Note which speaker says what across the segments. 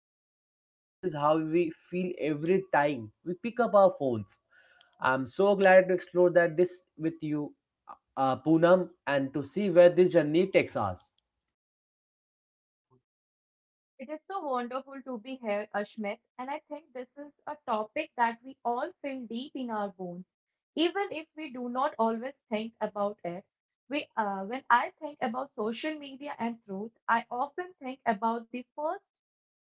Speaker 1: big topic that touches how we feel every time we pick up our phones. I'm so glad to explore that this with you, Poonam, and to see where this journey takes us.
Speaker 2: It is so wonderful to be here, Ashmit, and I think this is a topic that we all feel deep in our bones, even if we do not always think about it. When I think about social media and truth, I often think about the first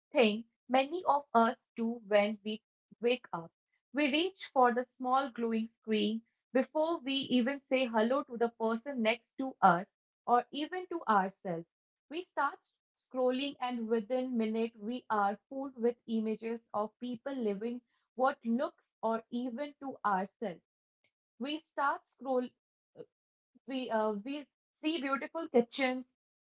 Speaker 2: thing many of us do when we wake up. We reach for the small glowing screen before we even say hello to the person next to us or even to ourselves. We start scrolling, and within minute we are fooled with images of people living what looks or even to ourselves. We start scroll we see beautiful kitchens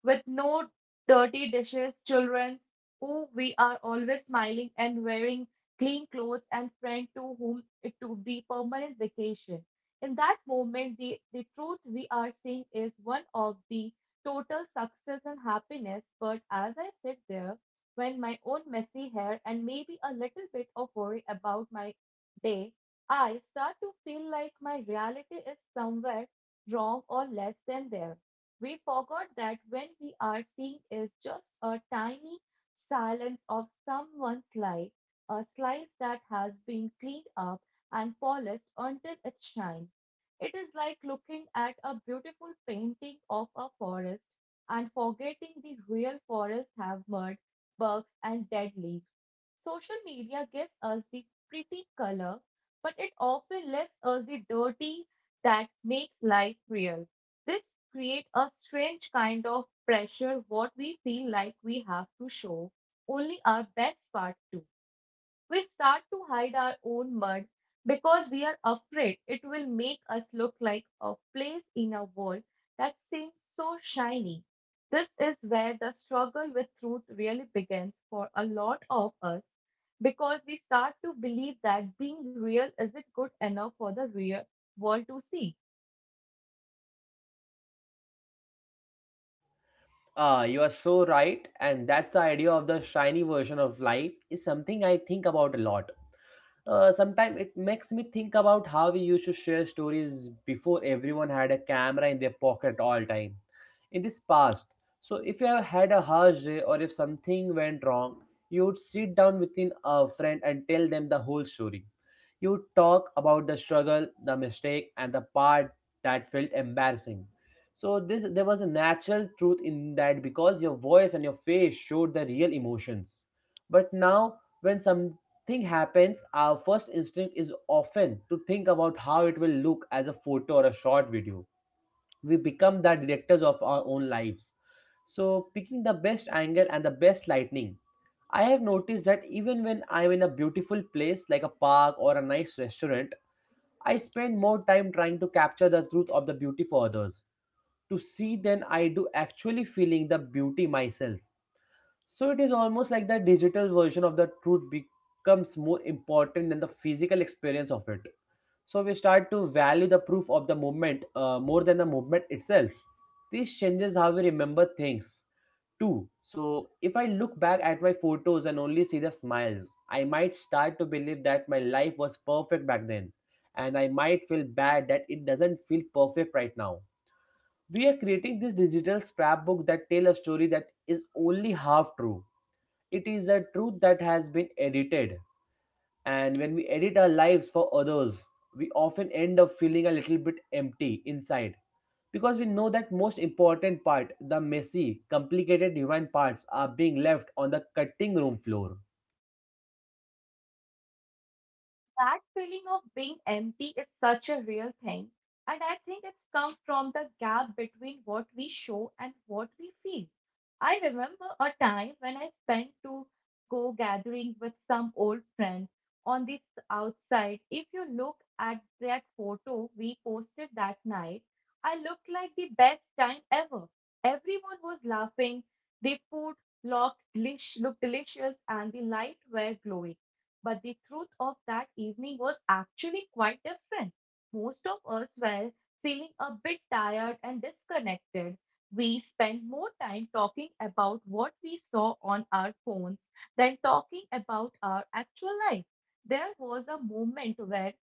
Speaker 2: with no dirty dishes, children who we are always smiling and wearing clean clothes and friend to whom it to be permanent vacation. In that moment, the truth we are seeing is one of the total success and happiness. But as I sit there, when my own messy hair and maybe a little bit of worry about my day, I start to feel like my reality is somewhere wrong or less than there. We forgot that when we are seeing is just a tiny silence of someone's life, a slice that has been cleaned up and polished until it shines. It is like looking at a beautiful painting of a forest and forgetting the real forest have mud, bugs, and dead leaves. Social media gives us the pretty color, but it often leaves us the dirty, that makes life real. This creates a strange kind of pressure what we feel like we have to show only our best part too. We start to hide our own mud because we are afraid it will make us look like a place in a world that seems so shiny. This is where the struggle with truth really begins for a lot of us because we start to believe that being real isn't good enough for the real world to see.
Speaker 1: Ah, you are so right, and that's the idea of the shiny version of life is something I think about a lot, sometimes it makes me think about how we used to share stories before everyone had a camera in their pocket all time in this past. So if you have had a harsh day or if something went wrong, you would sit down within a friend and tell them the whole story. You would talk about the struggle, the mistake, and the part that felt embarrassing. So this there was a natural truth in that because your voice and your face showed the real emotions. But now, when some thing happens, our first instinct is often to think about how it will look as a photo or a short video. We become the directors of our own lives. So, picking the best angle and the best lighting. I have noticed that even when I'm in a beautiful place like a park or a nice restaurant, I spend more time trying to capture the truth of the beauty for others to see than I do actually feeling the beauty myself. So it is almost like the digital version of the truth becomes more important than the physical experience of it. So we start to value the proof of the movement more than the movement itself. This changes how we remember things too. So if I look back at my photos and only see the smiles, I might start to believe that my life was perfect back then. And I might feel bad that it doesn't feel perfect right now. We are creating this digital scrapbook that tell a story that is only half true. It is a truth that has been edited, and when we edit our lives for others, we often end up feeling a little bit empty inside because we know that most important part, the messy, complicated human parts, are being left on the cutting room floor.
Speaker 2: That feeling of being empty is such a real thing, and I think it's come from the gap between what we show and what we feel. I remember a time when I spent to go gathering with some old friend on this outside. If you look at that photo we posted that night, I looked like the best time ever. Everyone was laughing, the food looked delicious, and the light were glowing. But the truth of that evening was actually quite different. Most of us were feeling a bit tired and disconnected. We spent more time talking about what we saw on our phones than talking about our actual life. There was a moment where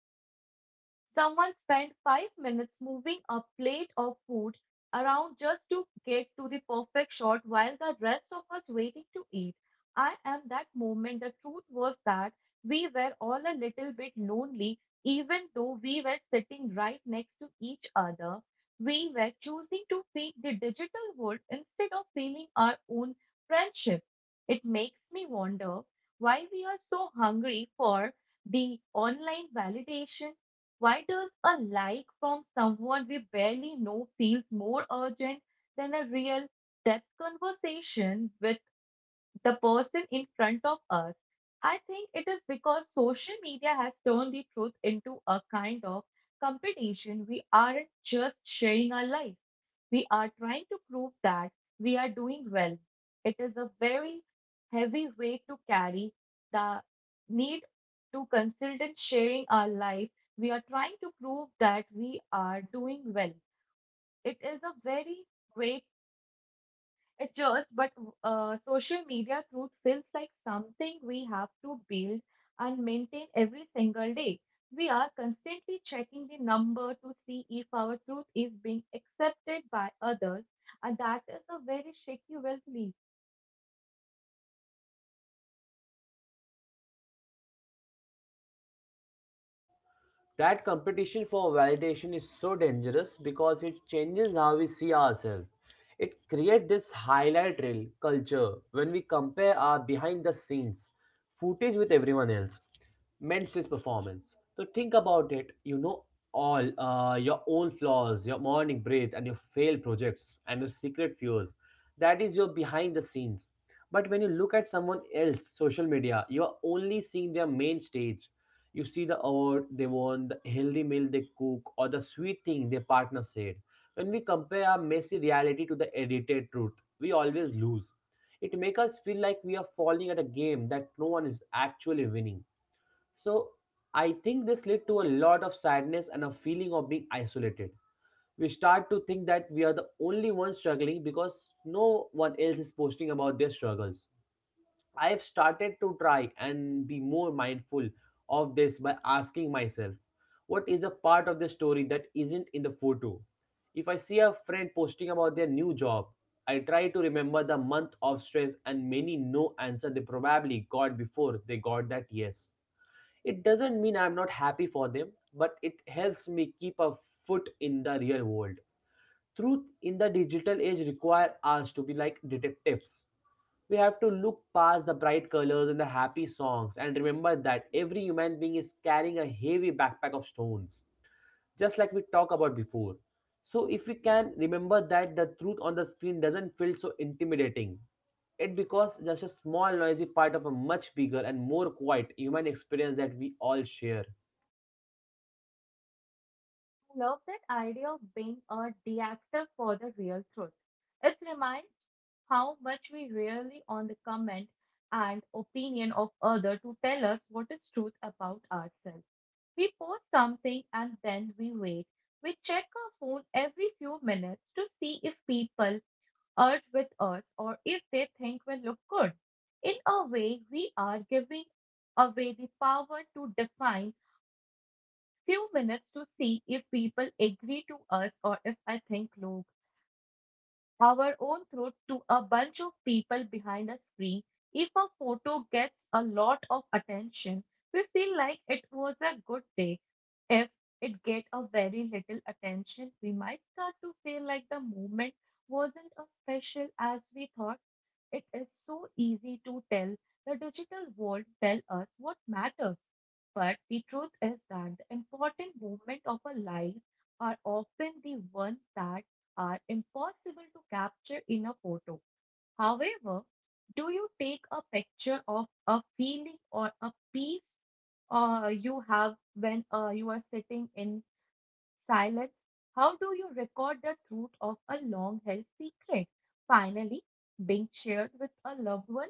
Speaker 2: someone spent 5 minutes moving a plate of food around just to get to the perfect shot while the rest of us waiting to eat. I am that moment. The truth was that we were all a little bit lonely, even though we were sitting right next to each other. We were choosing to feed the digital world instead of feeling our own friendship. It makes me wonder why we are so hungry for the online validation. Why does a like from someone we barely know feels more urgent than a real depth conversation with the person in front of us? I think it is because social media has turned the truth into a kind of competition. We aren't just sharing our life, we are trying to prove that we are doing well. It is a very heavy weight to carry the need to consider sharing our life. We are trying to prove that we are doing well. It is a very weight it just, but social media truth feels like something we have to build and maintain every single day. We are constantly checking the number to see if our truth is being accepted by others, and that is a very shaky wealth.
Speaker 1: That competition for validation is so dangerous because it changes how we see ourselves. It creates this highlight reel culture when we compare our behind the scenes footage with everyone else. Men's performance. So think about it. You know all your own flaws, your morning breath, and your failed projects and your secret fears. That is your behind the scenes. But when you look at someone else, social media, you are only seeing their main stage. You see the award they won, the healthy meal they cook, or the sweet thing their partner said. When we compare our messy reality to the edited truth, we always lose. It makes us feel like we are falling at a game that no one is actually winning. So I think this led to a lot of sadness and a feeling of being isolated. We start to think that we are the only ones struggling because no one else is posting about their struggles. I've started to try and be more mindful of this by asking myself, what is a part of the story that isn't in the photo? If I see a friend posting about their new job, I try to remember the month of stress and many no answer they probably got before they got that yes. It doesn't mean I'm not happy for them, but it helps me keep a foot in the real world. Truth in the digital age require us to be like detectives. We have to look past the bright colors and the happy songs and remember that every human being is carrying a heavy backpack of stones, just like we talked about before. So, if we can remember that the truth on the screen doesn't feel so intimidating, it becomes just a small, noisy part of a much bigger and more quiet human experience that we all share.
Speaker 2: I love that idea of being a deactive for the real truth. It reminds how much we rely on the comment and opinion of other to tell us what is truth about ourselves. We post something and then we wait. We check our phone every few minutes to see if people urge with us or if they think we look good. In a way, we are giving away the power to define few minutes to see if people agree to us or if I think, look, our own throat to a bunch of people behind a screen. If a photo gets a lot of attention, we feel like it was a good day. If it get a very little attention, we might start to feel like the movement wasn't as special as we thought. It is so easy to tell the digital world tell us what matters. But the truth is that the important movement of our life are often the ones that are impossible to capture in a photo. However, do you take a picture of a feeling or a piece you have when you are sitting in silence. How do you record the truth of a long held secret? Finally, being shared with a loved one,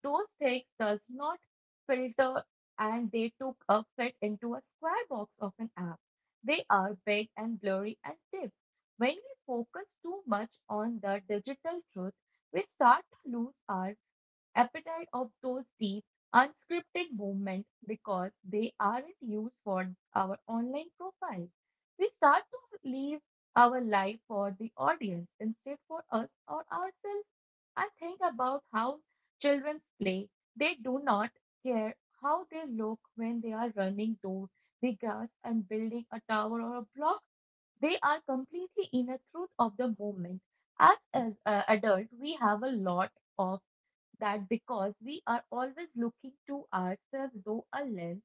Speaker 2: those things does not filter and they took a fit into a square box of an app. They are big and blurry and deep. When we focus too much on the digital truth, we start to lose our appetite of those deep, unscripted movements because they aren't used for our online profile. We start to live our life for the audience instead for us or ourselves. I think about how children play. They do not care how they look when they are running through the grass and building a tower or a block. They are completely in a truth of the moment. As adult, we have a lot of that because we are always looking to ourselves through a lens,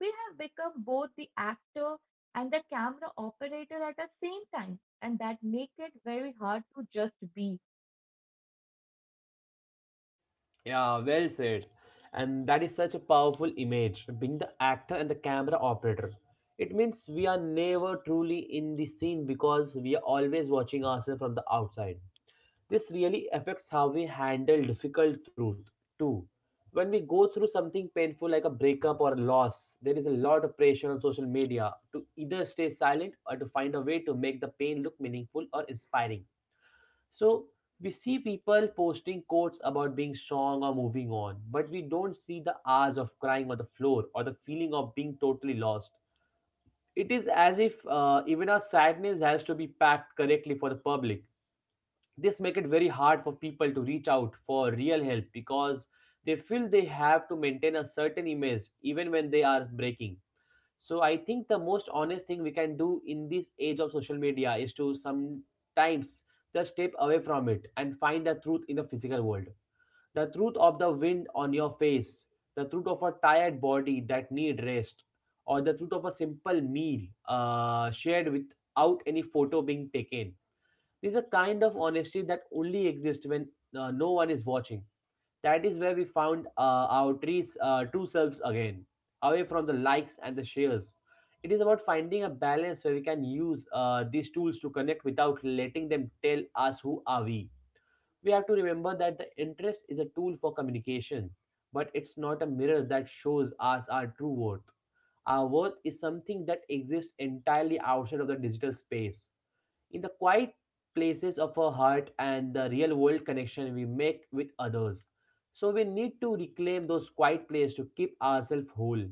Speaker 2: we have become both the actor and the camera operator at the same time, and that make it very hard to just be.
Speaker 1: Yeah, well said. And that is such a powerful image, being the actor and the camera operator. It means we are never truly in the scene because we are always watching ourselves from the outside. This really affects how we handle difficult truth too. When we go through something painful like a breakup or a loss, there is a lot of pressure on social media to either stay silent or to find a way to make the pain look meaningful or inspiring. So we see people posting quotes about being strong or moving on, but we don't see the hours of crying on the floor or the feeling of being totally lost. It is as if even our sadness has to be packed correctly for the public. This makes it very hard for people to reach out for real help because they feel they have to maintain a certain image even when they are breaking. So I think the most honest thing we can do in this age of social media is to sometimes just step away from it and find the truth in the physical world. The truth of the wind on your face, the truth of a tired body that need rest, or the truth of a simple meal shared without any photo being taken. This is a kind of honesty that only exists when no one is watching. That is where we found our trees, true selves again, away from the likes and the shares. It is about finding a balance where we can use these tools to connect without letting them tell us who are we. We have to remember that the interest is a tool for communication, but it's not a mirror that shows us our true worth. Our worth is something that exists entirely outside of the digital space, in the quiet places of our heart and the real world connection we make with others. So we need to reclaim those quiet places to keep ourselves whole.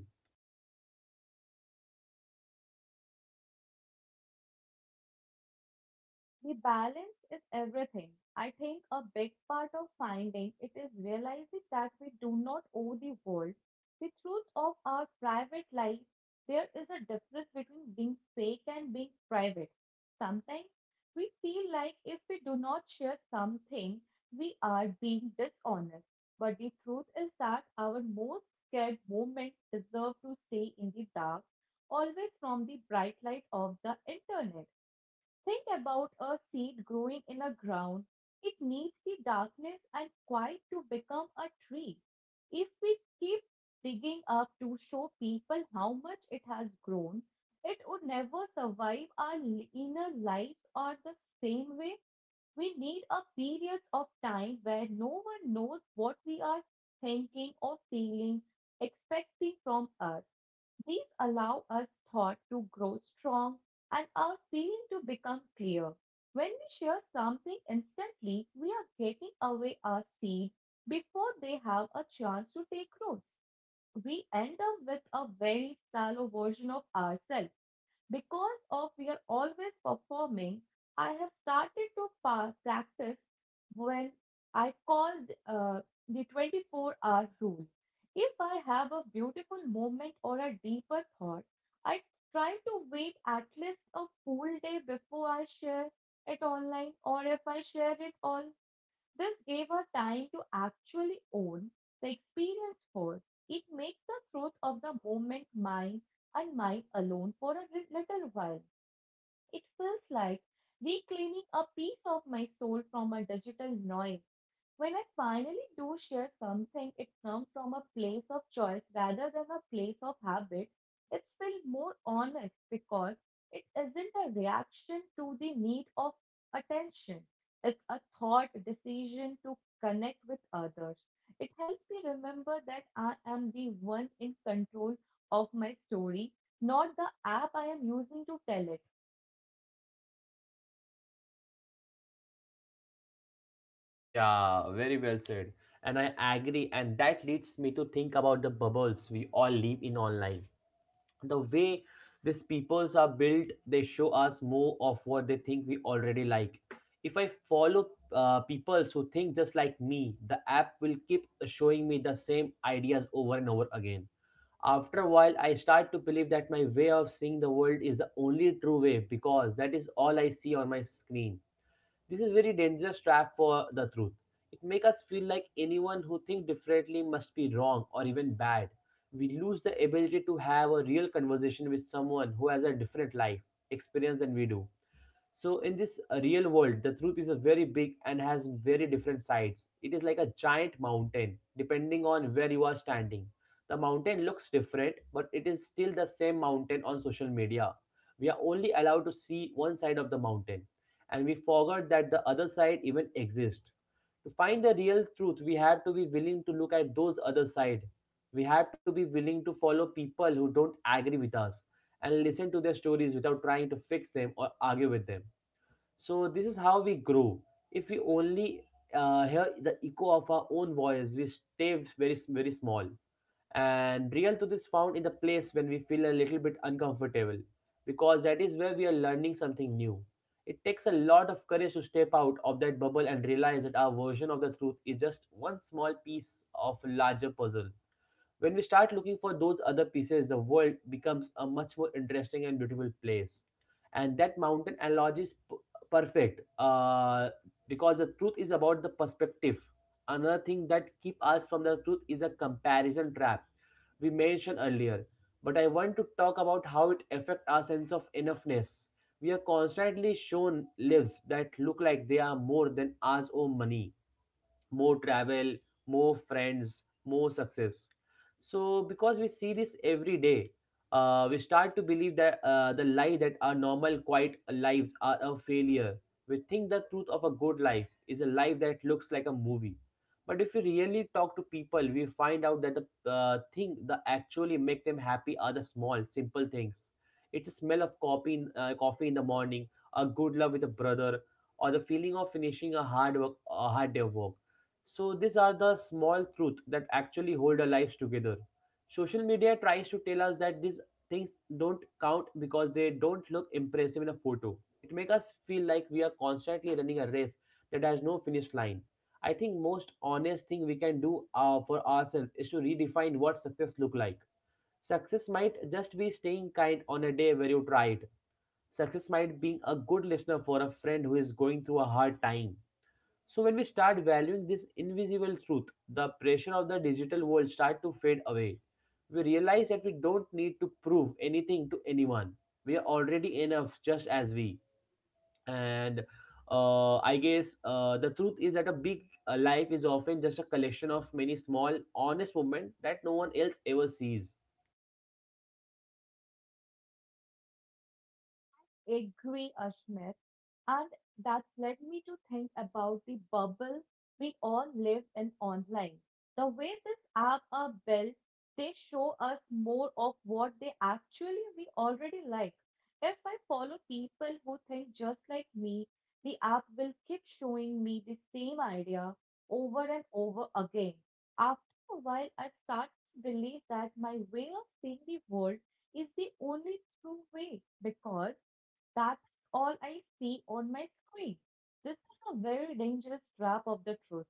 Speaker 2: The balance is everything. I think a big part of finding it is realizing that we do not owe the world the truth of our private life. There is a difference between being fake and being private. Sometimes we feel like if we do not share something, we are being dishonest. But the truth is that our most scared moments deserve to stay in the dark, always from the bright light of the internet. Think about a seed growing in the ground. It needs the darkness and quiet to become a tree. If we keep digging up to show people how much it has grown, it would never survive our inner lives or the same way. We need a period of time where no one knows what we are thinking or feeling, expecting from us. These allow us thought to grow strong and our feeling to become clear. When we share something instantly, we are getting away our seed before they have a chance to take roots. We end up with a very shallow version of ourselves because of we are always performing. I have started to practice when I call uh, the 24-hour rule. If I have a beautiful moment or a deeper thought, I try to wait at least a full day before I share it online, or if I share it all, this gave her time to actually own the experience first. It makes the truth of the moment mine and mine alone for a little while. It feels like reclaiming a piece of my soul from a digital noise. When I finally do share something, it comes from a place of choice rather than a place of habit. It's feel more honest because it isn't a reaction to the need of attention. It's a thought decision to connect with others. It helps me remember that I am the one in control of my story, not the app I am using to tell it.
Speaker 1: Yeah, very well said. And I agree, and that leads me to think about the bubbles we all live in online. The way these peoples are built, they show us more of what they think we already like. If I follow people who think just like me, the app will keep showing me the same ideas over and over again. After a while, I start to believe that my way of seeing the world is the only true way because that is all I see on my screen. This is very dangerous trap for the truth. It makes us feel like anyone who thinks differently must be wrong or even bad. We lose the ability to have a real conversation with someone who has a different life experience than we do. So in this real world, the truth is a very big and has very different sides. It is like a giant mountain, depending on where you are standing. The mountain looks different, but it is still the same mountain on social media. We are only allowed to see one side of the mountain, and we forgot that the other side even exists. To find the real truth, we have to be willing to look at those other side. We have to be willing to follow people who don't agree with us and listen to their stories without trying to fix them or argue with them. So this is how we grow. If we only hear the echo of our own voice, we stay very very small. And real truth is found in the place when we feel a little bit uncomfortable, because that is where we are learning something new. It takes a lot of courage to step out of that bubble and realize that our version of the truth is just one small piece of a larger puzzle. When we start looking for those other pieces, the world becomes a much more interesting and beautiful place. And that mountain analogy is perfect, because the truth is about the perspective. Another thing that keep us from the truth is a comparison trap we mentioned earlier. But I want to talk about how it affects our sense of enoughness. We are constantly shown lives that look like they are more than ours own money, more travel, more friends, more success. So, because we see this every day, we start to believe that the lie that our normal, quiet lives are a failure. We think the truth of a good life is a life that looks like a movie. But if we really talk to people, we find out that the thing that actually make them happy are the small, simple things. It's a smell of coffee in the morning, a good love with a brother, or the feeling of finishing a hard work, a hard day of work. So these are the small truth that actually hold our lives together. Social media tries to tell us that these things don't count because they don't look impressive in a photo. It makes us feel like we are constantly running a race that has no finish line. I think most honest thing we can do for ourselves is to redefine what success look like. Success might just be staying kind on a day where you tried. Success might being a good listener for a friend who is going through a hard time. So when we start valuing this invisible truth, the pressure of the digital world starts to fade away. We realize that we don't need to prove anything to anyone. We are already enough just as we. And I guess the truth is that a big life is often just a collection of many small, honest moments that no one else ever sees.
Speaker 2: Agree, Ashmit. And that's led me to think about the bubble we all live in online. The way these apps are built, they show us more of what they actually we already like. If I follow people who think just like me, the app will keep showing me the same idea over and over again. After a while, I start to believe that my way of seeing the world is the only true way because that's all I see on my screen. This is a very dangerous trap of the truth.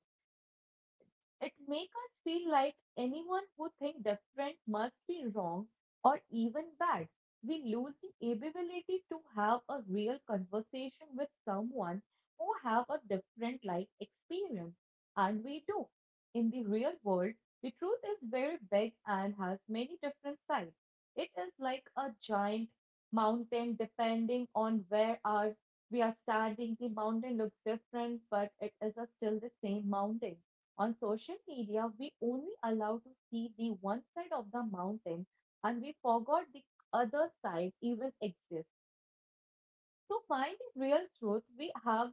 Speaker 2: It makes us feel like anyone who thinks different must be wrong or even bad. We lose the ability to have a real conversation with someone who have a different life experience. And we do. In the real world, the truth is very big and has many different sides. It is like a giant mountain depending on where are we are standing. The mountain looks different, but it is a still the same mountain. On social media, we only allow to see the one side of the mountain, and we forgot the other side even exists. To find the real truth, we have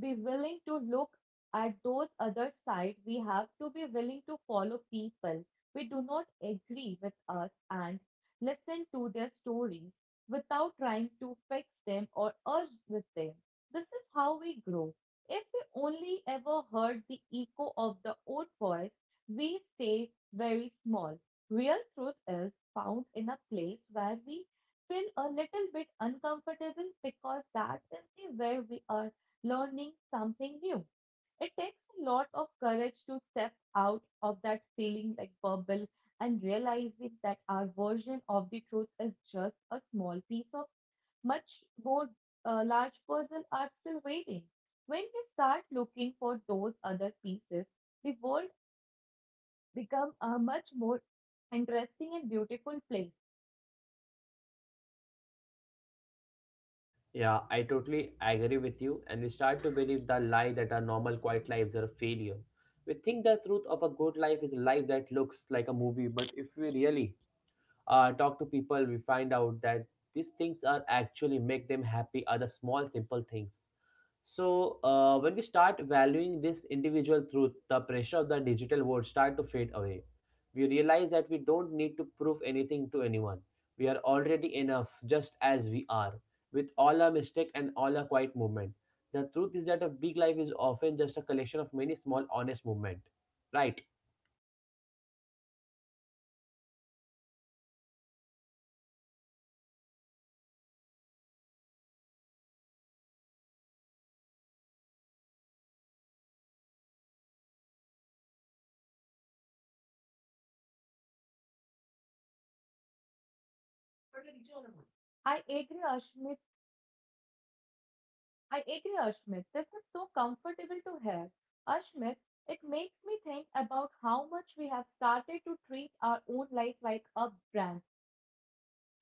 Speaker 2: be willing to look at those other side. We have to be willing to follow people we do not agree with us and listen to their stories without trying to fix them or urge with them. This is how we grow. If we only ever heard the echo of the old voice, we stay very small. Real truth is found in a place where we feel a little bit uncomfortable, because that is the where we are learning something new. It takes a lot of courage to step out of that feeling like bubble and realizing that our version of the truth is just a small piece of much more large puzzle are still waiting. When we start looking for those other pieces, the world becomes a much more interesting and beautiful place.
Speaker 1: Yeah, I totally agree with you, and we start to believe the lie that our normal quiet lives are a failure. We think the truth of a good life is a life that looks like a movie, but if we really talk to people, we find out that these things are actually make them happy are the small, simple things. So when we start valuing this individual truth, the pressure of the digital world start to fade away. We realize that we don't need to prove anything to anyone. We are already enough just as we are, with all our mistake and all our quiet movement. The truth is that a big life is often just a collection of many small honest movement. Right?
Speaker 2: I agree, Ashmi, I agree, Ashmit. This is so comfortable to hear. Ashmit, it makes me think about how much we have started to treat our own life like a brand.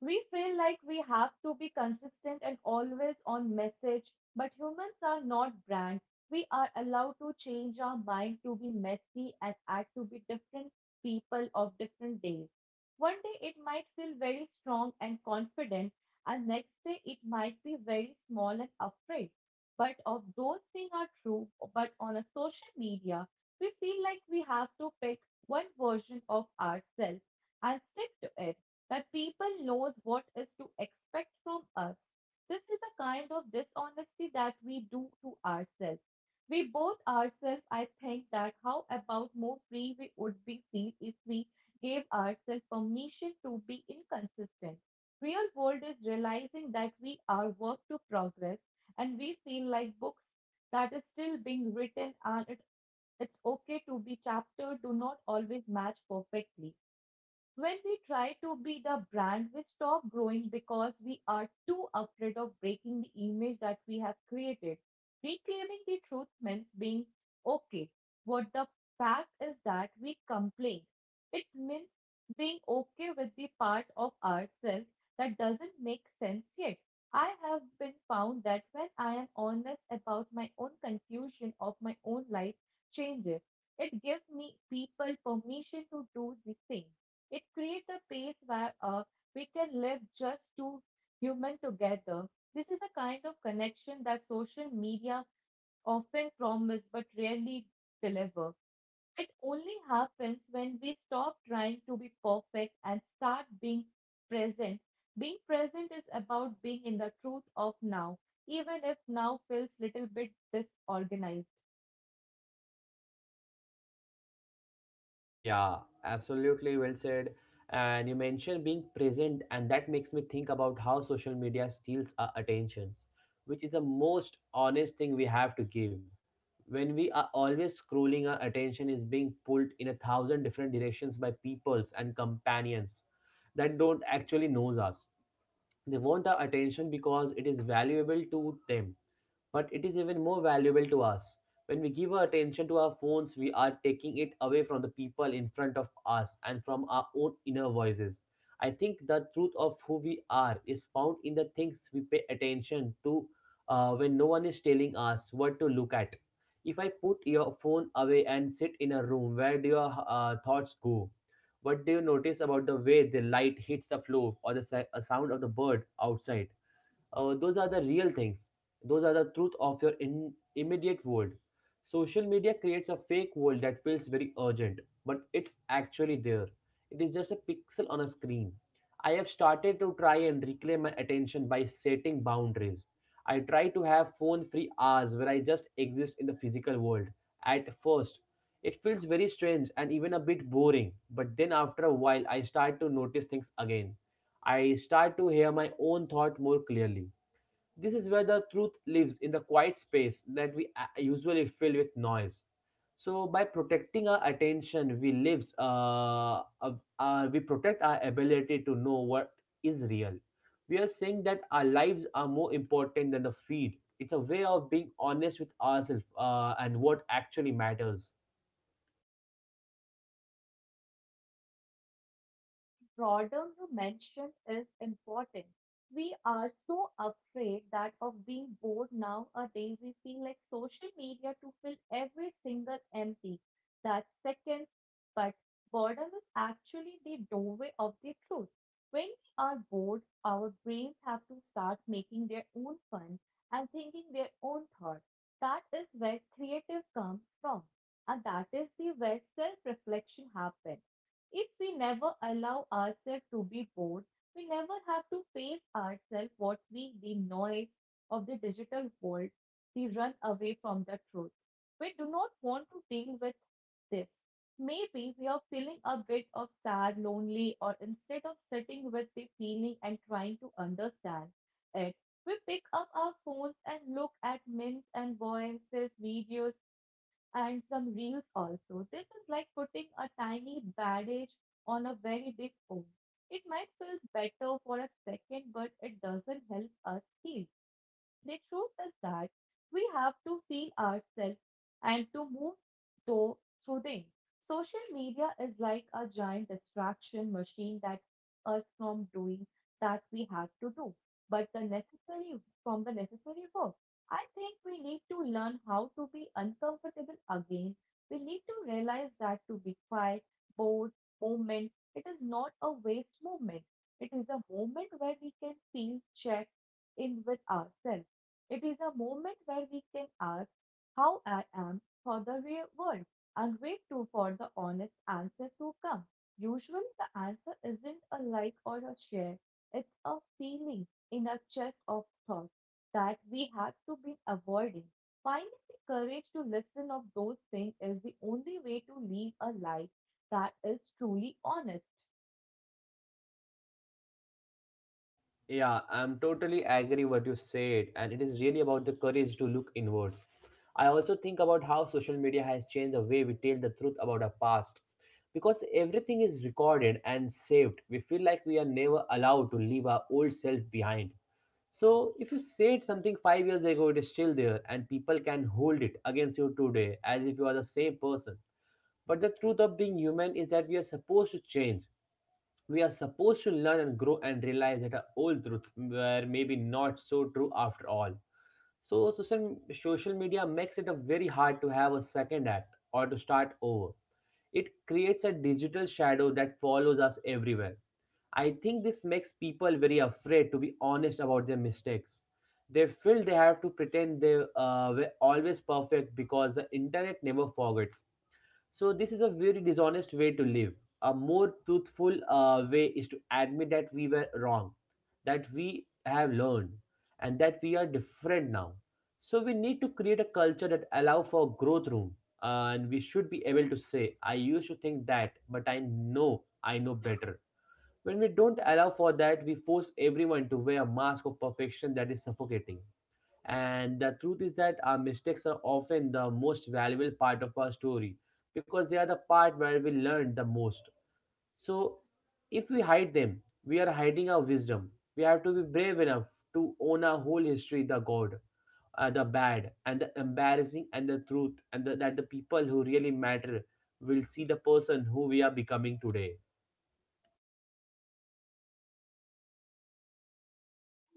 Speaker 2: We feel like we have to be consistent and always on message, but humans are not brands. We are allowed to change our mind, to be messy, and act to be different people of different days. One day it might feel very strong and confident, and next day it might be very small and afraid. But of those things are true, but on a social media, we feel like we have to pick one version of ourselves and stick to it, that people knows what is to expect from us. This is a kind of dishonesty that we do to ourselves. We both ourselves, I think that how about more free we would be feel if we gave ourselves permission to be inconsistent. Real world is realizing that we are work to progress and we feel like books that is still being written, and it's okay to be chapter do not always match perfectly. When we try to be the brand, we stop growing because we are too afraid of breaking the image that we have created. Reclaiming the truth means being okay. What the fact is that we complain. It means being okay with the part of ourselves that doesn't make sense yet. I have been found that when I am honest about my own confusion of my own life changes, it gives me people permission to do the same. It creates a space where we can live just two human together. This is a kind of connection that social media often promise but rarely deliver. It only happens when we stop trying to be perfect and start being present. Being present is about being in the truth of now, even if now feels little bit disorganized.
Speaker 1: Yeah, absolutely well said. And you mentioned being present, and that makes me think about how social media steals our attentions, which is the most honest thing we have to give. When we are always scrolling, our attention is being pulled in a thousand different directions by peoples and companions that don't actually knows us. They want our attention because it is valuable to them, but it is even more valuable to us. When we give our attention to our phones, we are taking it away from the people in front of us and from our own inner voices. I think the truth of who we are is found in the things we pay attention to when no one is telling us what to look at. If I put your phone away and sit in a room, where do your thoughts go? What do you notice about the way the light hits the floor or the sound of the bird outside? Those are the real things. Those are the truth of your immediate world. Social media creates a fake world that feels very urgent, but it's actually there. It is just a pixel on a screen. I have started to try and reclaim my attention by setting boundaries. I try to have phone free hours where I just exist in the physical world. At first, it feels very strange and even a bit boring, but then after a while I start to notice things again. I start to hear my own thought more clearly. This is where the truth lives, in the quiet space that we usually fill with noise. So by protecting our attention, we protect our ability to know what is real. We are saying that our lives are more important than the feed. It's a way of being honest with ourselves and what actually matters.
Speaker 2: Broader you mentioned is important. We are so afraid that of being bored nowadays, we feel like social media to fill every single empty that second. But boredom is actually the doorway of the truth. When we are bored, our brains have to start making their own fun and thinking their own thoughts. That is where creative comes from, and that is the where self-reflection happens. If we never allow ourselves to be bored, we never have to face ourselves what we, the noise of the digital world, we run away from the truth. We do not want to deal with this. Maybe we are feeling a bit of sad, lonely, or instead of sitting with the feeling and trying to understand it, we pick up our phones and look at memes and voices, videos, and some reels also. This is like putting a tiny bandage on a very big wound. It might feel better for a second, but it doesn't help us heal. The truth is that we have to feel ourselves and to move though through things. Social media is like a giant distraction machine that us from doing that we have to do, but the necessary from the necessary work. I think we need to learn how to be uncomfortable again. We need to realize that to be quiet, bored, moment, it is not a waste moment. It is a moment where we can feel check in with ourselves. It is a moment where we can ask how I am for the real world and wait too for the honest answer to come. Usually the answer isn't a like or a share. It's a feeling in a chest of thought that we have to be avoiding. Finding the courage to listen of those things is the only way to live a life that is truly honest.
Speaker 1: Yeah, I'm totally agree what you said, and it is really about the courage to look inwards. I also think about how social media has changed the way we tell the truth about our past. Because everything is recorded and saved, we feel like we are never allowed to leave our old self behind. So, if you said something 5 years ago, it is still there, and people can hold it against you today as if you are the same person. But the truth of being human is that we are supposed to change. We are supposed to learn and grow and realize that our old truths were maybe not so true after all. So social media makes it a very hard to have a second act or to start over. It creates a digital shadow that follows us everywhere. I think this makes people very afraid to be honest about their mistakes. They feel they have to pretend they were always perfect because the internet never forgets. So this is a very dishonest way to live. A more truthful way is to admit that we were wrong, that we have learned, and that we are different now. So we need to create a culture that allow for growth room, and we should be able to say, "I used to think that, but I know better." When we don't allow for that, we force everyone to wear a mask of perfection that is suffocating. And the truth is that our mistakes are often the most valuable part of our story because they are the part where we learn the most. So, if we hide them, we are hiding our wisdom. We have to be brave enough to own our whole history, the good, the bad, and the embarrassing, and the truth, and the, that the people who really matter will see the person who we are becoming today.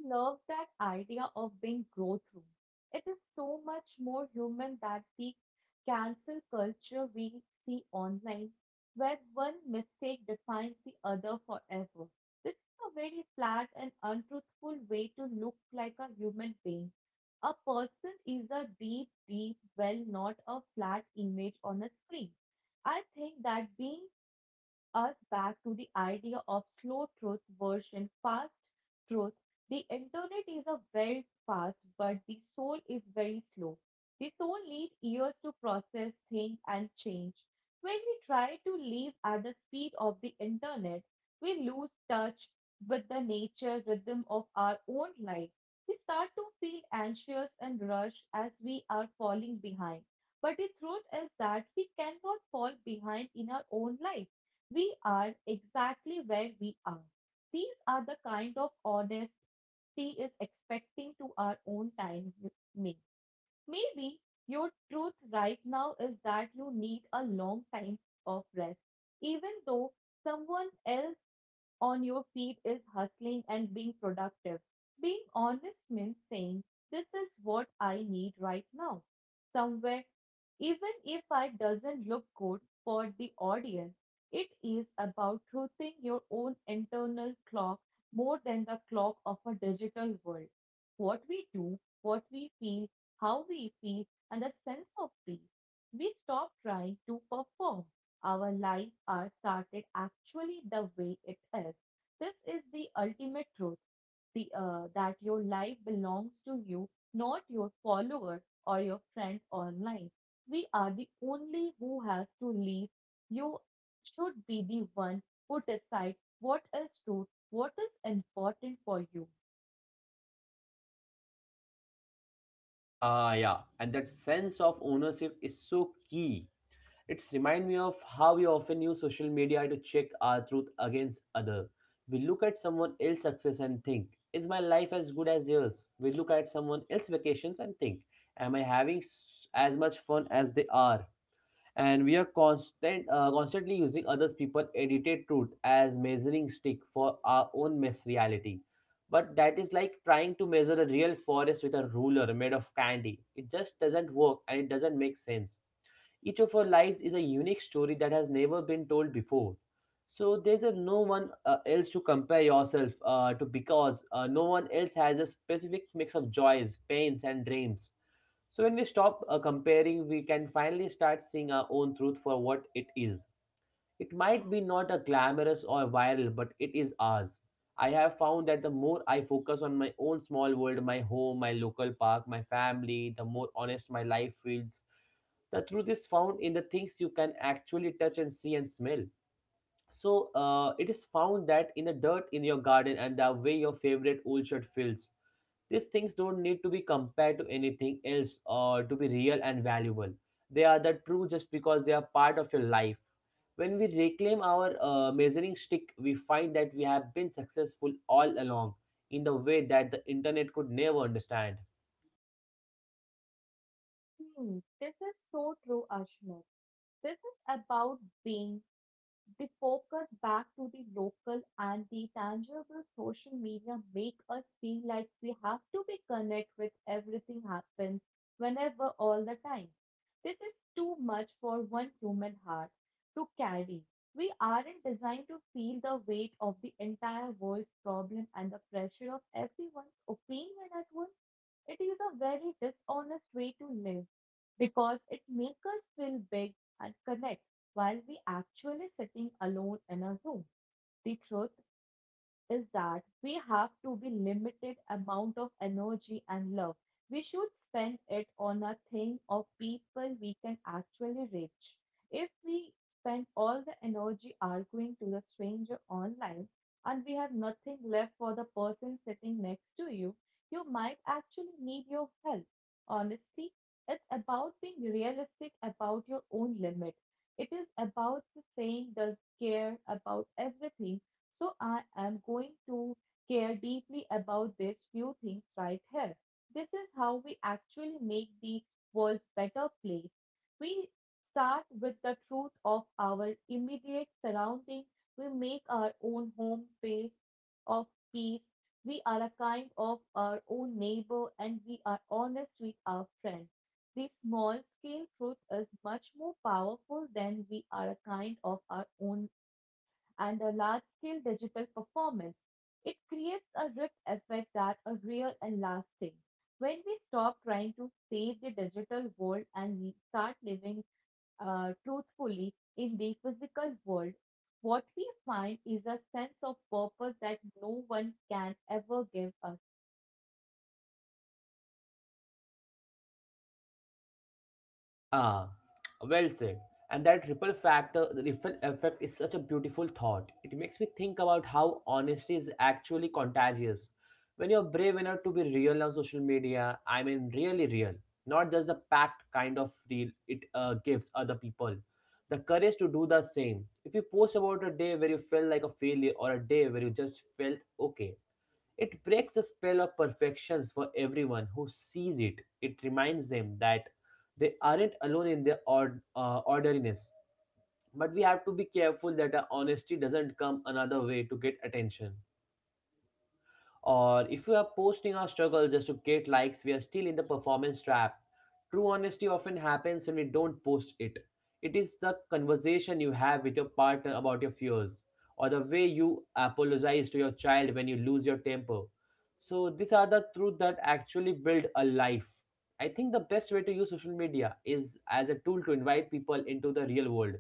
Speaker 2: Love that idea of being growth room. It is so much more human than the cancel culture we see online, where one mistake defines the other forever. This is a very flat and untruthful way to look like a human being. A person is a deep, deep well, not a flat image on a screen. I think that being us back to the idea of slow truth versus fast truth. The internet is a very fast, but the soul is very slow. The soul needs years to process, think, and change. When we try to live at the speed of the internet, we lose touch with the nature rhythm of our own life. We start to feel anxious and rushed as we are falling behind. But the truth is that we cannot fall behind in our own life. We are exactly where we are. These are the kind of honesty is expecting to our own time me. Maybe your truth right now is that you need a long time of rest, even though someone else on your feed is hustling and being productive. Being honest means saying, this is what I need right now. Somewhere, even if it doesn't look good for the audience, it is about truthing your own internal clock more than the clock of a digital world. What we do, what we feel, how we feel, and the sense of peace. We stop trying to perform. Our lives are started actually the way it is. This is the ultimate truth, that your life belongs to you, not your followers or your friends online. We are the only who has to live. You should be the one who decides what is true, what is important for you.
Speaker 1: Yeah, and that sense of ownership is so key. It's remind me of how we often use social media to check our truth against other. We look at someone else's success and think, is my life as good as theirs? We look at someone else's vacations and think, am I having s- as much fun as they are? And we are constantly using others' people edited truth as measuring stick for our own mess reality. But that is like trying to measure a real forest with a ruler made of candy. It just doesn't work and it doesn't make sense. Each of our lives is a unique story that has never been told before. So there's a no one else to compare yourself to because no one else has a specific mix of joys, pains, and dreams. So when we stop comparing, we can finally start seeing our own truth for what it is. It might be not a glamorous or viral, but it is ours. I have found that the more I focus on my own small world, my home, my local park, my family, the more honest my life feels. The truth is found in the things you can actually touch and see and smell. So it is found that in the dirt in your garden and the way your favorite old shirt feels. These things don't need to be compared to anything else or to be real and valuable. They are the true just because they are part of your life. When we reclaim our measuring stick, we find that we have been successful all along in the way that the internet could never understand.
Speaker 2: Hmm, this is so true, Ashmit. This is about being the focus back to the local and the tangible. Social media make us feel like we have to be connect with everything happens whenever all the time. This is too much for one human heart to carry. We aren't designed to feel the weight of the entire world's problem and the pressure of everyone's opinion at once. It is a very dishonest way to live, because it makes us feel big and connect while we actually sitting alone in a room. The truth is that we have to be limited amount of energy and love. We should spend it on a thing or people we can actually reach. If we spend all the energy arguing to the stranger online and we have nothing left for the person sitting next to you, you might actually need your help. Honestly, it's about being realistic about your own limit. It is about saying does care about everything, so I am going to care deeply about these few things right here. This is how we actually make the world a better place. We start with the truth of our immediate surrounding. We make our own home space of peace. We are a kind of our own neighbor and we are honest with our friends. The small scale truth is much more powerful than we are a kind of our own and a large-scale digital performance. It creates a ripple effect that are real and lasting. When we stop trying to save the digital world and we start living truthfully in the physical world, what we find is a sense of purpose that no one can ever give us.
Speaker 1: Ah, well said. And that ripple factor, the ripple effect is such a beautiful thought. It makes me think about how honesty is actually contagious. When you're brave enough to be real on social media, I mean really real, not just the packed kind of real, it gives other people the courage to do the same. If you post about a day where you felt like a failure or a day where you just felt okay, it breaks the spell of perfections for everyone who sees it. It reminds them that they aren't alone in their ordinariness. But we have to be careful that our honesty doesn't come another way to get attention. Or if we are posting our struggle just to get likes, we are still in the performance trap. True honesty often happens when we don't post it. It is the conversation you have with your partner about your fears, or the way you apologize to your child when you lose your temper. So, these are the truths that actually build a life. I think the best way to use social media is as a tool to invite people into the real world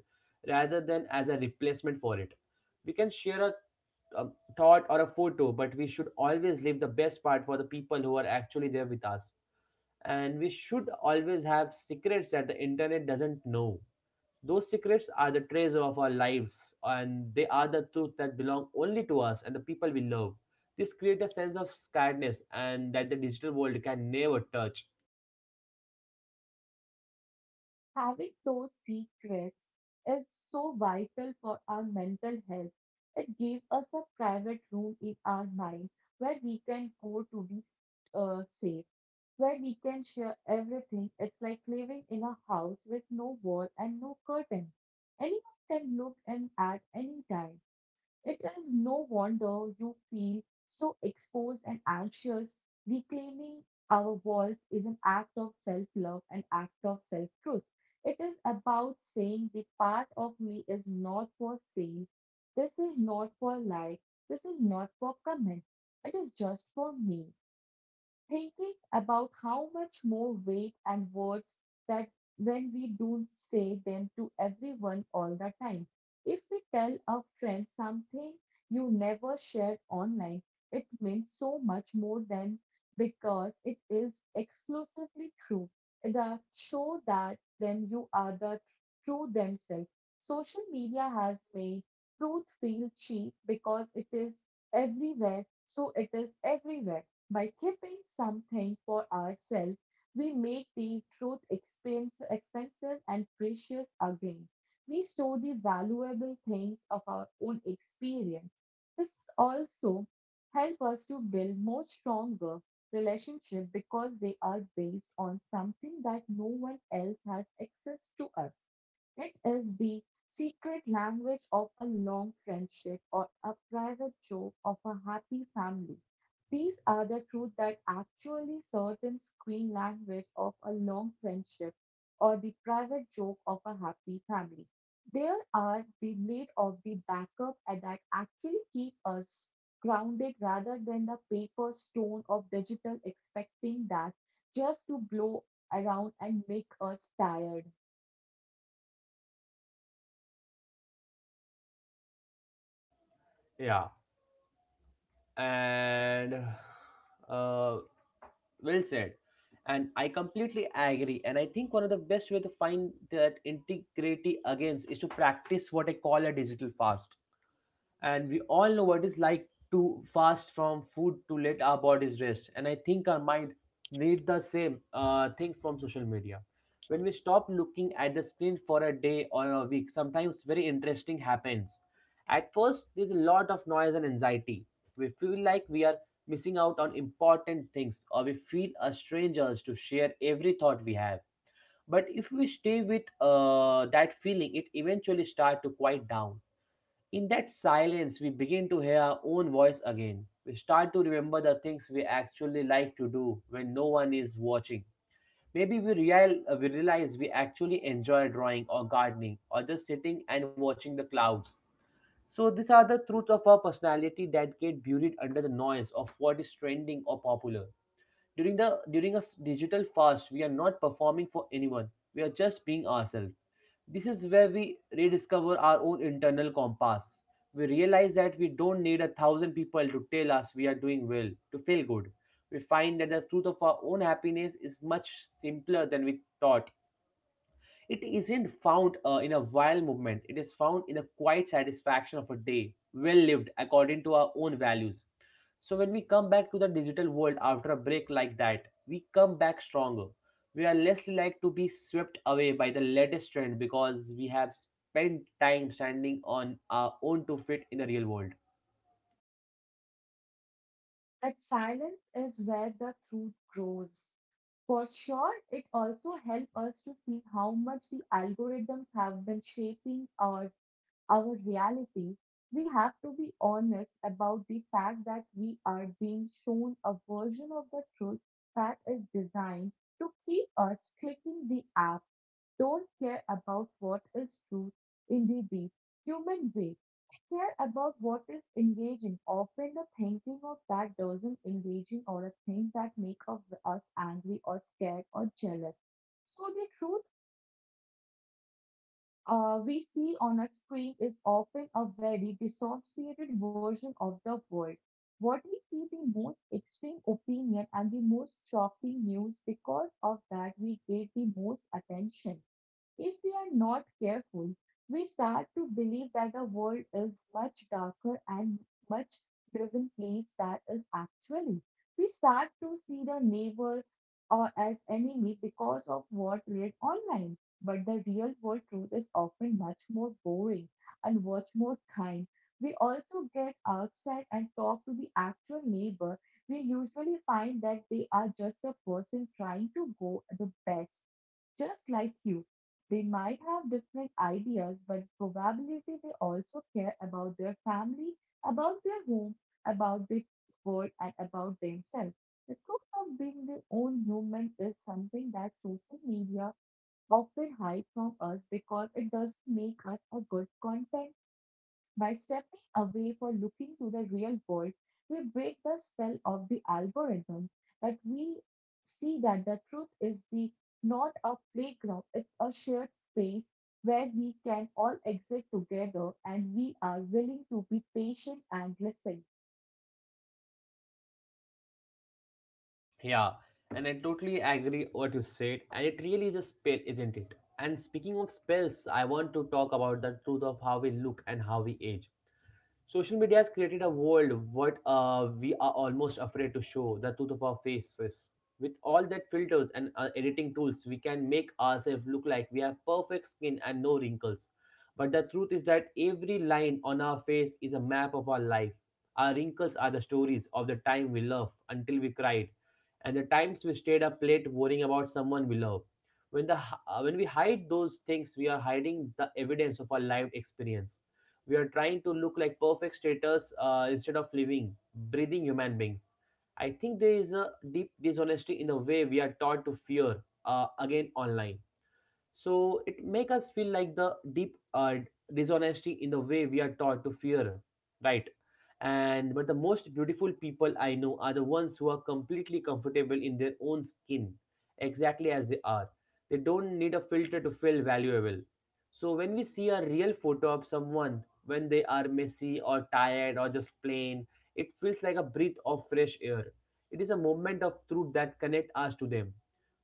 Speaker 1: rather than as a replacement for it. We can share our a thought or a photo, but we should always leave the best part for the people who are actually there with us. And we should always have secrets that the internet doesn't know. Those secrets are the treasure of our lives, and they are the truth that belong only to us and the people we love. This creates a sense of scaredness and that the digital world can never touch.
Speaker 2: Having those secrets is so vital for our mental health. It gave us a private room in our mind where we can go to be safe, where we can share everything. It's like living in a house with no wall and no curtain. Anyone can look in at any time. It is no wonder you feel so exposed and anxious. Reclaiming our voice is an act of self love, an act of self truth. It is about saying the part of me is not for sale, this is not for like, this is not for comment, it is just for me thinking about how much more weight and words that when we don't say them to everyone all the time. If we tell a friend something you never shared online, it means so much more than because it is exclusively true. The show that then you are the true themselves. Social media has made truth feel cheap because it is everywhere, so it is everywhere by keeping something for ourselves, we make the truth expensive and precious again. We store the valuable things of our own experience. This also help us to build more stronger relationship because they are based on something that no one else has access to us. It is the secret language of a long friendship or a private joke of a happy family. These are the truth that actually certain screen language of a long friendship or the private joke of a happy family. There are the lead of the backup and that actually keep us grounded rather than the paper stone of digital expecting that just to blow around and make us tired.
Speaker 1: Yeah, and uh, well said. And I completely agree. And I think one of the best way to find that integrity against is to practice what I call a digital fast, and we all know what it's like to fast from food to let our bodies rest, and I think our mind need the same things from social media. When we stop looking at the screen for a day or a week, sometimes very interesting happens. At first there's a lot of noise and anxiety. We feel like we are missing out on important things, or we feel a strangers to share every thought we have. But if we stay with that feeling, it eventually start to quiet down. In that silence, we begin to hear our own voice again. We start to remember the things we actually like to do when no one is watching. Maybe we realize we actually enjoy drawing or gardening or just sitting and watching the clouds. So, these are the truths of our personality that get buried under the noise of what is trending or popular. During a digital fast, we are not performing for anyone, we are just being ourselves. This is where we rediscover our own internal compass. We realize that we don't need a thousand people to tell us we are doing well, to feel good. We find that the truth of our own happiness is much simpler than we thought. It isn't found in a wild movement, it is found in the quiet satisfaction of a day, well lived according to our own values. So when we come back to the digital world after a break like that, we come back stronger. We are less likely to be swept away by the latest trend because we have spent time standing on our own to fit in the real world.
Speaker 2: That silence is where the truth grows. For sure, it also helps us to see how much the algorithms have been shaping our reality. We have to be honest about the fact that we are being shown a version of the truth that is designed to keep us clicking the app, don't care about what is true in the deep human way. Care about what is engaging, often the thinking of that doesn't engaging or the things that make of us angry or scared or jealous. So the truth we see on a screen is often a very dissociated version of the world. What we see the most extreme opinion and the most shocking news because of that we gave the most attention. If we are not careful, we start to believe that the world is much darker and much driven place that is actually. We start to see the neighbor or as enemy because of what read online. But the real world truth is often much more boring and much more kind. We also get outside and talk to the actual neighbor. We usually find that they are just a person trying to go the best just like you. They might have different ideas, but probability they also care about their family, about their home, about their world, and about themselves. The truth of being their own human is something that social media often hide from us because it doesn't make us a good content. By stepping away for looking to the real world, we break the spell of the algorithm, that we see that the truth is the not a playground, it's a shared space where we can all exist together and we are willing to be patient and listen.
Speaker 1: Yeah, and I totally agree what you said, and it really is a spell, isn't it? And speaking of spells, I want to talk about the truth of how we look and how we age. Social media has created a world what we are almost afraid to show the truth of our faces. With all that filters and editing tools, we can make ourselves look like we have perfect skin and no wrinkles. But the truth is that every line on our face is a map of our life. Our wrinkles are the stories of the time we loved until we cried, and the times we stayed up late worrying about someone we love. When the when we hide those things, we are hiding the evidence of our lived experience. We are trying to look like perfect status instead of living breathing human beings. I think there is a deep dishonesty in the way we are taught to fear again online, so it make us feel like the deep dishonesty in the way we are taught to fear, right. And but the most beautiful people I know are the ones who are completely comfortable in their own skin exactly as they are. They don't need a filter to feel valuable. So when we see a real photo of someone when they are messy or tired or just plain, it feels like a breath of fresh air. It is a moment of truth that connect us to them.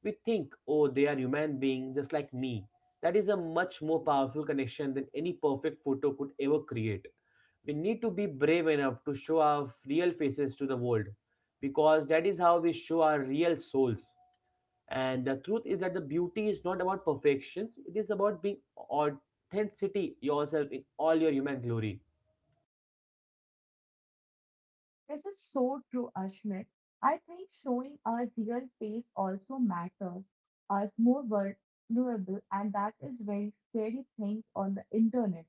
Speaker 1: We think, oh, they are human beings just like me. That is a much more powerful connection than any perfect photo could ever create. We need to be brave enough to show our real faces to the world because that is how we show our real souls. And the truth is that the beauty is not about perfections, it is about being authenticity yourself in all your human glory.
Speaker 2: This is so true, Ashmit. I think showing our real face also matters, us more vulnerable, and that is very scary thing on the internet.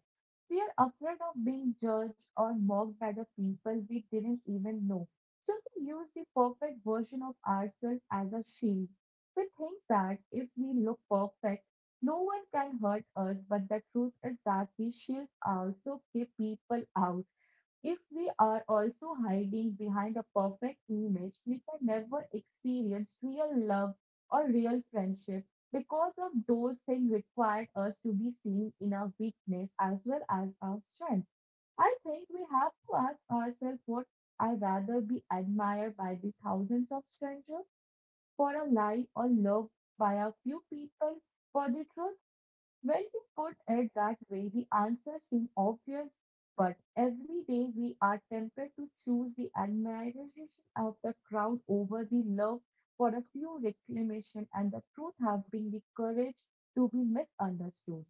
Speaker 2: We are afraid of being judged or mocked by the people we didn't even know. So we use the perfect version of ourselves as a shield. We think that if we look perfect, no one can hurt us, but the truth is that these shields also keep people out. If we are also hiding behind a perfect image, we can never experience real love or real friendship because of those things required us to be seen in our weakness as well as our strength. I think we have to ask ourselves what I rather be admired by the thousands of strangers for a lie or loved by a few people for the truth. When we put it that way, the answer seems obvious, but every day we are tempted to choose the admiration of the crowd over the love for a few reclamation, and the truth have been the courage to be misunderstood.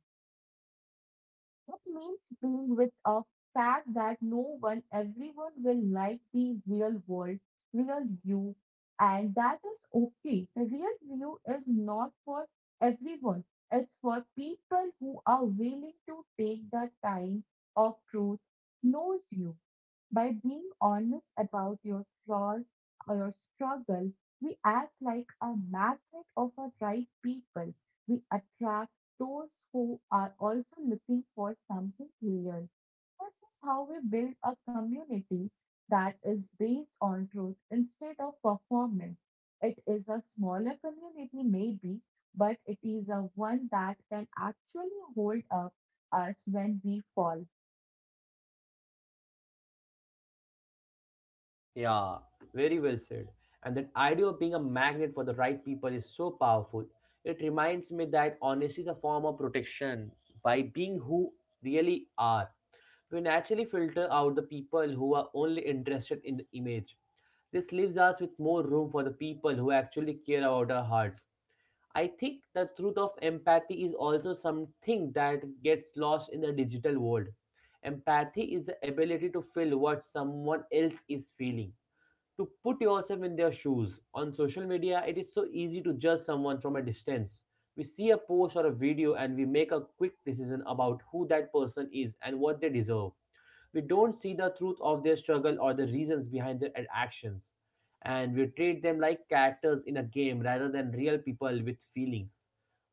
Speaker 2: It means being with a fact that no one, everyone will like the real world, real you, and that is okay. The real you is not for everyone, it's for people who are willing to take the time of truth, knows you. By being honest about your flaws or your struggle, we act like a magnet of the right people. We attract those who are also looking for something real. This is how we build a community that is based on truth instead of performance. It is a smaller community, maybe, but it is a one that can actually hold up us when we fall.
Speaker 1: Yeah, very well said. And that idea of being a magnet for the right people is so powerful. It reminds me that honesty is a form of protection. By being who really are, we naturally filter out the people who are only interested in the image. This leaves us with more room for the people who actually care about our hearts. I think the truth of empathy is also something that gets lost in the digital world. Empathy is the ability to feel what someone else is feeling to put yourself in their shoes. On social media, it is so easy to judge someone from a distance. We see a post or a video and we make a quick decision about who that person is and what they deserve. We don't see the truth of their struggle or the reasons behind their actions. And we treat them like characters in a game rather than real people with feelings.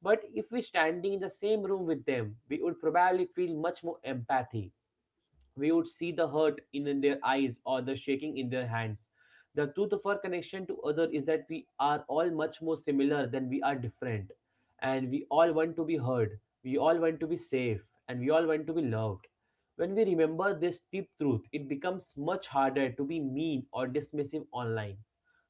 Speaker 1: But if we standing in the same room with them, we would probably feel much more empathy. We would see the hurt in their eyes or the shaking in their hands. The truth of our connection to other is that we are all much more similar than we are different. And we all want to be heard. We all want to be safe. And we all want to be loved. When we remember this deep truth, it becomes much harder to be mean or dismissive online.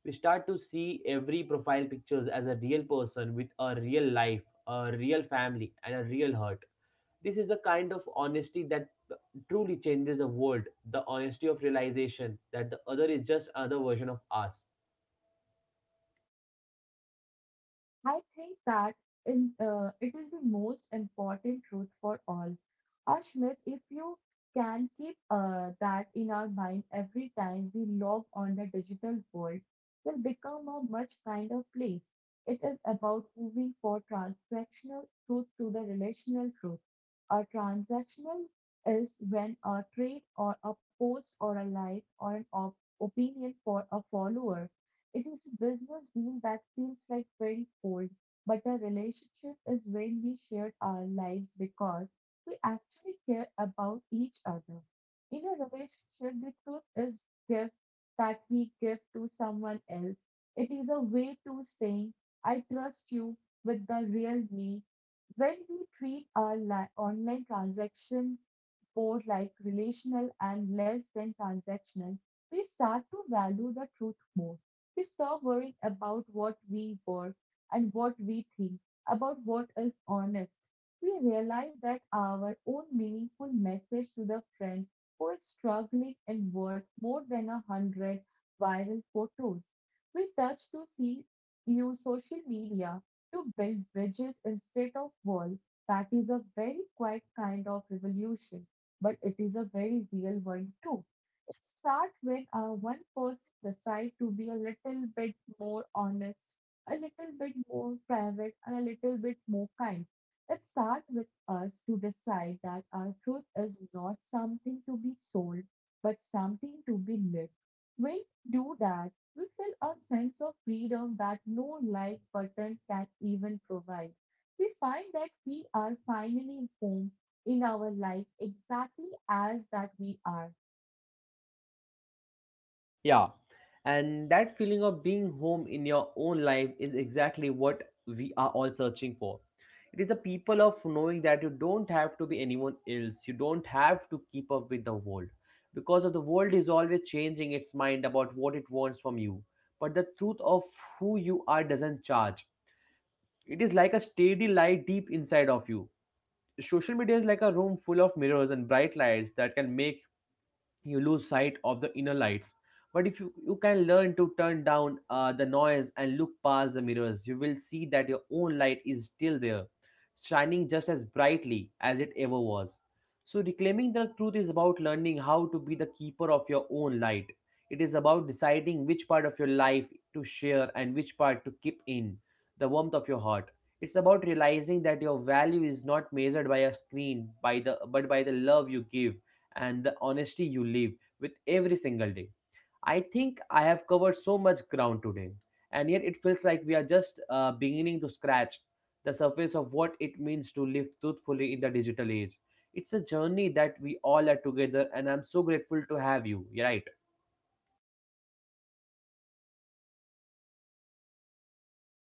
Speaker 1: We start to see every profile pictures as a real person with a real life, a real family, and a real hurt. This is the kind of honesty that truly changes the world, the honesty of realization that the other is just another version of us.
Speaker 2: I think that in it is the most important truth for all. Ashmit, if you can keep that in our mind every time we log on the digital world, will become a much kinder place. It is about moving for transactional truth to the relational truth. A transactional is when a trade or a post or a like or an opinion for a follower, it is a business deal that feels like very cold, but a relationship is when we share our lives because we actually care about each other. In a relationship, the truth is gift that we give to someone else. It is a way to saying, I trust you with the real me. When we treat our online transaction more like relational and less than transactional, we start to value the truth more. We stop worrying about what we were and what we think, about what is honest. We realize that our own meaningful message to the friend who is struggling in worth more than 100 viral photos. We touch to see use social media to build bridges instead of walls. That is a very quiet kind of revolution, but it is a very real one too. It starts when one person decides to be a little bit more honest, a little bit more private, and a little bit more kind. It starts with us to decide that our truth is not something to be sold, but something to be lived. When we do that, we feel a sense of freedom that no like button can even provide. We find that we are finally home in our life exactly as that we are.
Speaker 1: Yeah. And that feeling of being home in your own life is exactly what we are all searching for. It is the people of knowing that you don't have to be anyone else. You don't have to keep up with the world. Because of the world is always changing its mind about what it wants from you. But the truth of who you are doesn't charge. It is like a steady light deep inside of you. Social media is like a room full of mirrors and bright lights that can make you lose sight of the inner lights. But if you can learn to turn down the noise and look past the mirrors, you will see that your own light is still there, shining just as brightly as it ever was. So, reclaiming the truth is about learning how to be the keeper of your own light. It is about deciding which part of your life to share and which part to keep in the warmth of your heart. It's about realizing that your value is not measured by a screen, by the but by the love you give and the honesty you live with every single day. I think I have covered so much ground today, and yet it feels like we are just beginning to scratch the surface of what it means to live truthfully in the digital age. It's a journey that we all are together, and I'm so grateful to have you. You're right.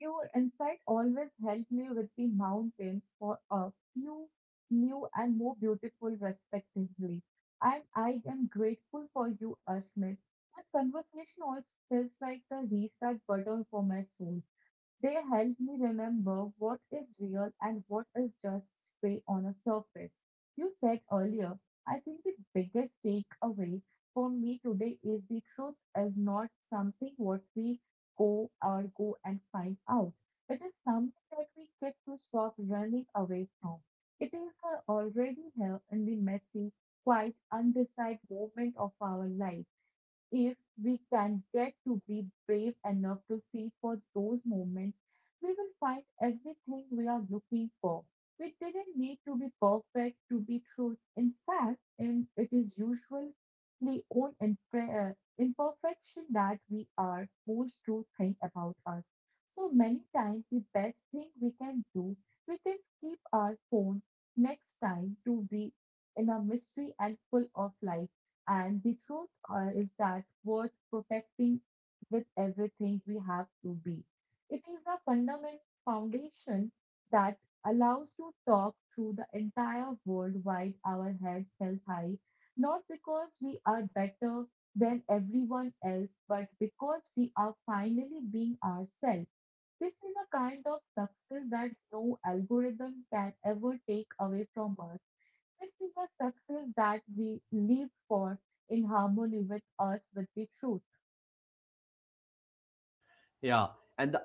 Speaker 2: Your insight always helped me with the mountains for a few new and more beautiful respectively. And I am grateful for you, Ashmit. This conversation also feels like the restart button for my soul. They help me remember what is real and what is just spray on a surface. You said earlier, I think the biggest takeaway for me today is the truth is not something what we go and find out. It is something that we get to stop running away from. It is already here in the messy, quiet, undecided moment of our life. If we can get to be brave enough to see for those moments, we will find everything we are looking for. We didn't need to be perfect to be true. In fact, it is usually on imperfection that we are most true thing about us. So many times, the best thing we can do, we can keep our phone next time to be in a mystery and full of life. And the truth is that worth protecting with everything we have to be. It is a fundamental foundation that allows to talk through the entire world while our heads held high, not because we are better than everyone else, but because we are finally being ourselves. This is a kind of success that no algorithm can ever take away from us. This is a success that we live for in harmony with us, with the truth.
Speaker 1: Yeah, and the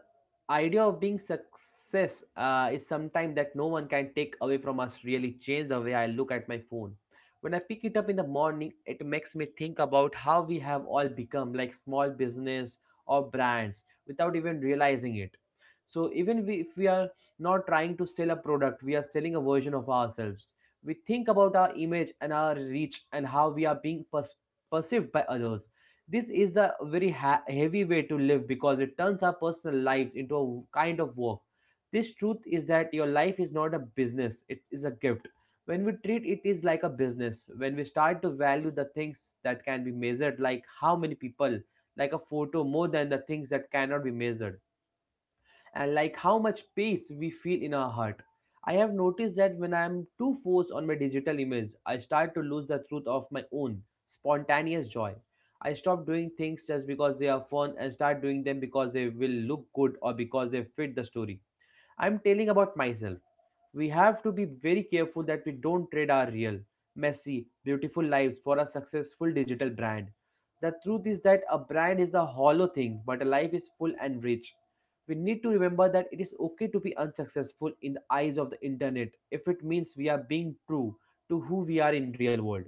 Speaker 1: idea of being success is sometimes that no one can take away from us. Really change the way I look at my phone. When I pick it up in the morning, it makes me think about how we have all become like small business or brands without even realizing it. So even we, if we are not trying to sell a product, we are selling a version of ourselves. We think about our image and our reach and how we are being perceived by others. This is the very heavy way to live because it turns our personal lives into a kind of work. This truth is that your life is not a business, it is a gift. When we treat it is like a business, when we start to value the things that can be measured, like how many people, like a photo, more than the things that cannot be measured and like how much pace we feel in our heart. I have noticed that when I am too forced on my digital image, I start to lose the truth of my own spontaneous joy. I stop doing things just because they are fun and start doing them because they will look good or because they fit the story. I'm telling about myself. We have to be very careful that we don't trade our real, messy, beautiful lives for a successful digital brand. The truth is that a brand is a hollow thing, but a life is full and rich. We need to remember that it is okay to be unsuccessful in the eyes of the internet if it means we are being true to who we are in real world.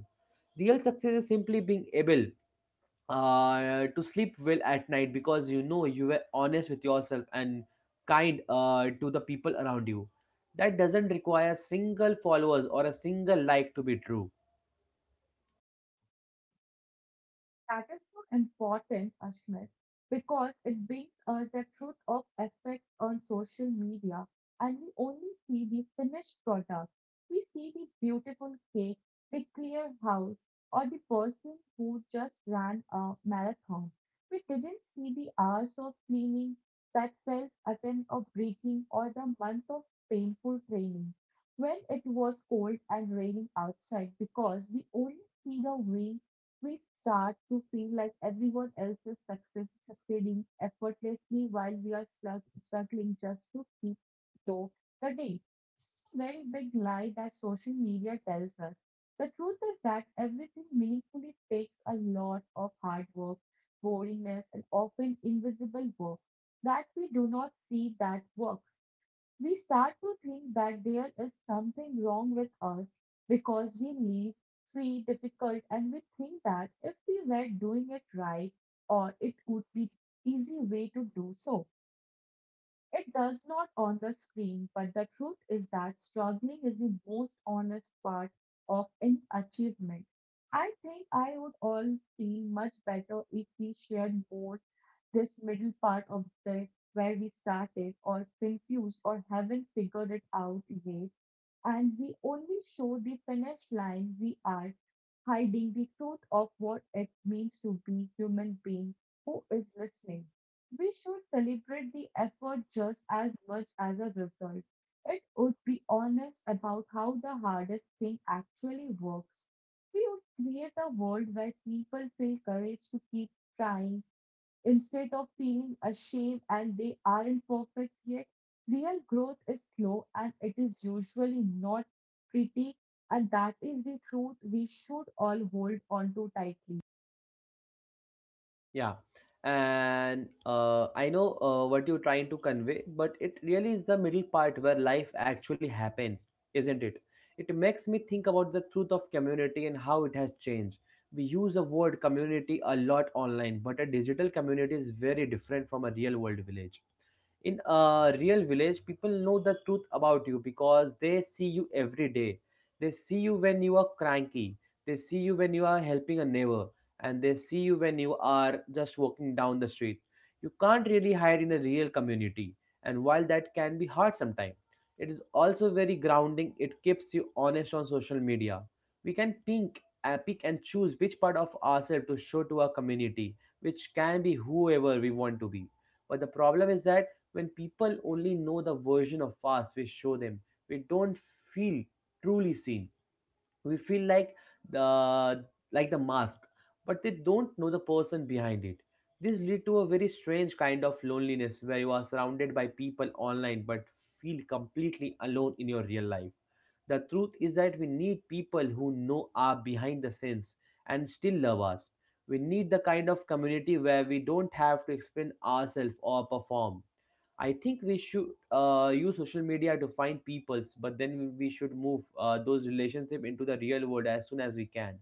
Speaker 1: Real success is simply being able to sleep well at night because you know you were honest with yourself and kind to the people around you. That doesn't require a single followers or a single like to be true.
Speaker 2: That is so important, Ashmit, because it brings us the truth of effect on social media, and we only see the finished product. We see the beautiful cake, the clear house, or the person who just ran a marathon. We didn't see the hours of cleaning that felt attempt of breaking or the month of painful training when it was cold and raining outside. Because we only see the, we start to feel like everyone else is succeeding effortlessly while we are struggling just to keep though the day. This is a very big lie that social media tells us. The truth is that everything meaningfully takes a lot of hard work, boringness, and often invisible work that we do not see. That works we start to think that there is something wrong with us because we live free, difficult, and we think that if we were doing it right, or it would be easy way to do so, it does not on the screen, but the truth is that struggling is the most honest part of any achievement. I think I would all feel much better if we shared more this middle part of the where we started or confused or haven't figured it out yet, and we only show the finish line, we are hiding the truth of what it means to be human being who is listening. We should celebrate the effort just as much as a result. It would be honest about how the hardest thing actually works. We would create a world where people feel courage to keep trying instead of feeling ashamed and they aren't perfect yet. Real growth is slow and it is usually not pretty, and that is the truth we should all hold on to tightly.
Speaker 1: Yeah, and I know what you're trying to convey, but it really is the middle part where life actually happens, isn't it? It makes me think about the truth of community and how it has changed. We use the word community a lot online, but a digital community is very different from a real world village. In a real village, people know the truth about you because they see you every day. They see you when you are cranky. They see you when you are helping a neighbor. And they see you when you are just walking down the street. You can't really hide in a real community, and while that can be hard sometimes, it is also very grounding. It keeps you honest. On social media, we can pick and choose which part of ourselves to show to our community, which can be whoever we want to be. But the problem is that when people only know the version of us we show them, we don't feel truly seen. We feel like the the mask, but they don't know the person behind it. This lead to a very strange kind of loneliness where you are surrounded by people online but feel completely alone in your real life. The truth is that we need people who know are behind the scenes and still love us. We need the kind of community where we don't have to explain ourselves or perform. I think we should use social media to find peoples, but then we should move those relationship into the real world as soon as we can.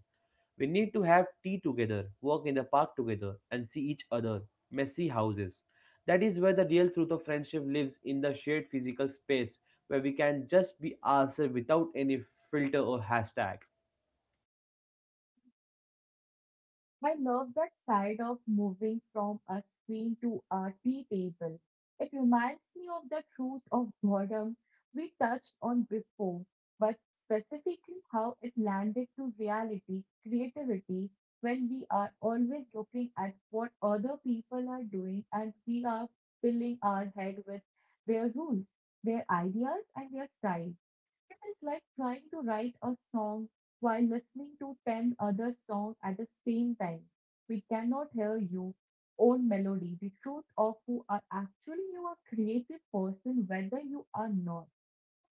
Speaker 1: We need to have tea together, walk in the park together, and see each other, messy houses. That is where the real truth of friendship lives in the shared physical space where we can just be ourselves without any filter or hashtag.
Speaker 2: I love that side of moving from a screen to a tea table. It reminds me of the truth of boredom we touched on before, but specifically how it landed to reality, creativity, when we are always looking at what other people are doing and we are filling our head with their rules, their ideas, and their style. It is like trying to write a song while listening to 10 other songs at the same time. We cannot hear your own melody, the truth of who are actually you are creative person, whether you are not.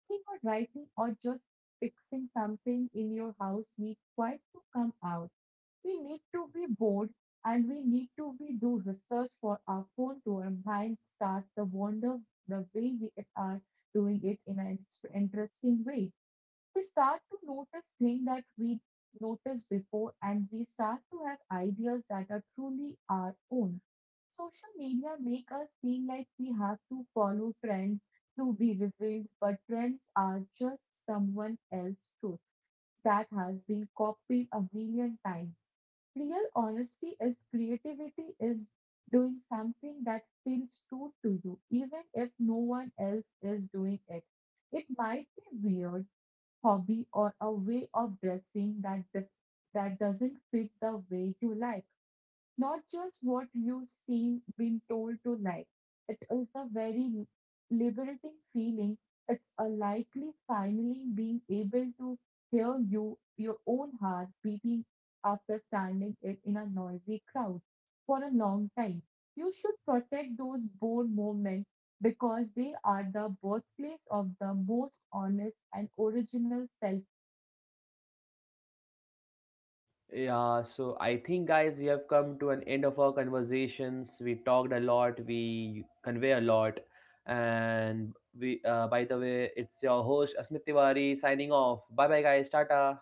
Speaker 2: Think or writing or just fixing something in your house need quite to come out. We need to be bored and we need to be do research for our phone to our mind start the wonder the way we are doing it in an interesting way. We start to notice things that we noticed before, and we start to have ideas that are truly our own. Social media make us feel like we have to follow trends to be revealed, but trends are just someone else's truth that has been copied a million times. Real honesty is creativity is doing something that feels true to you even if no one else is doing it. It might be weird hobby or a way of dressing that doesn't fit the way you like, not just what you've seen been told to like. It is a very liberating feeling. It's a likely finally being able to hear your own heart beating after standing it in a noisy crowd for a long time. You should protect those bold moments because they are the birthplace of the most honest and original self.
Speaker 1: Yeah, so I think, guys, we have come to an end of our conversations. We talked a lot, we convey a lot, and by the way, it's your host Asmit Tiwari signing off. Bye bye, guys. Tata.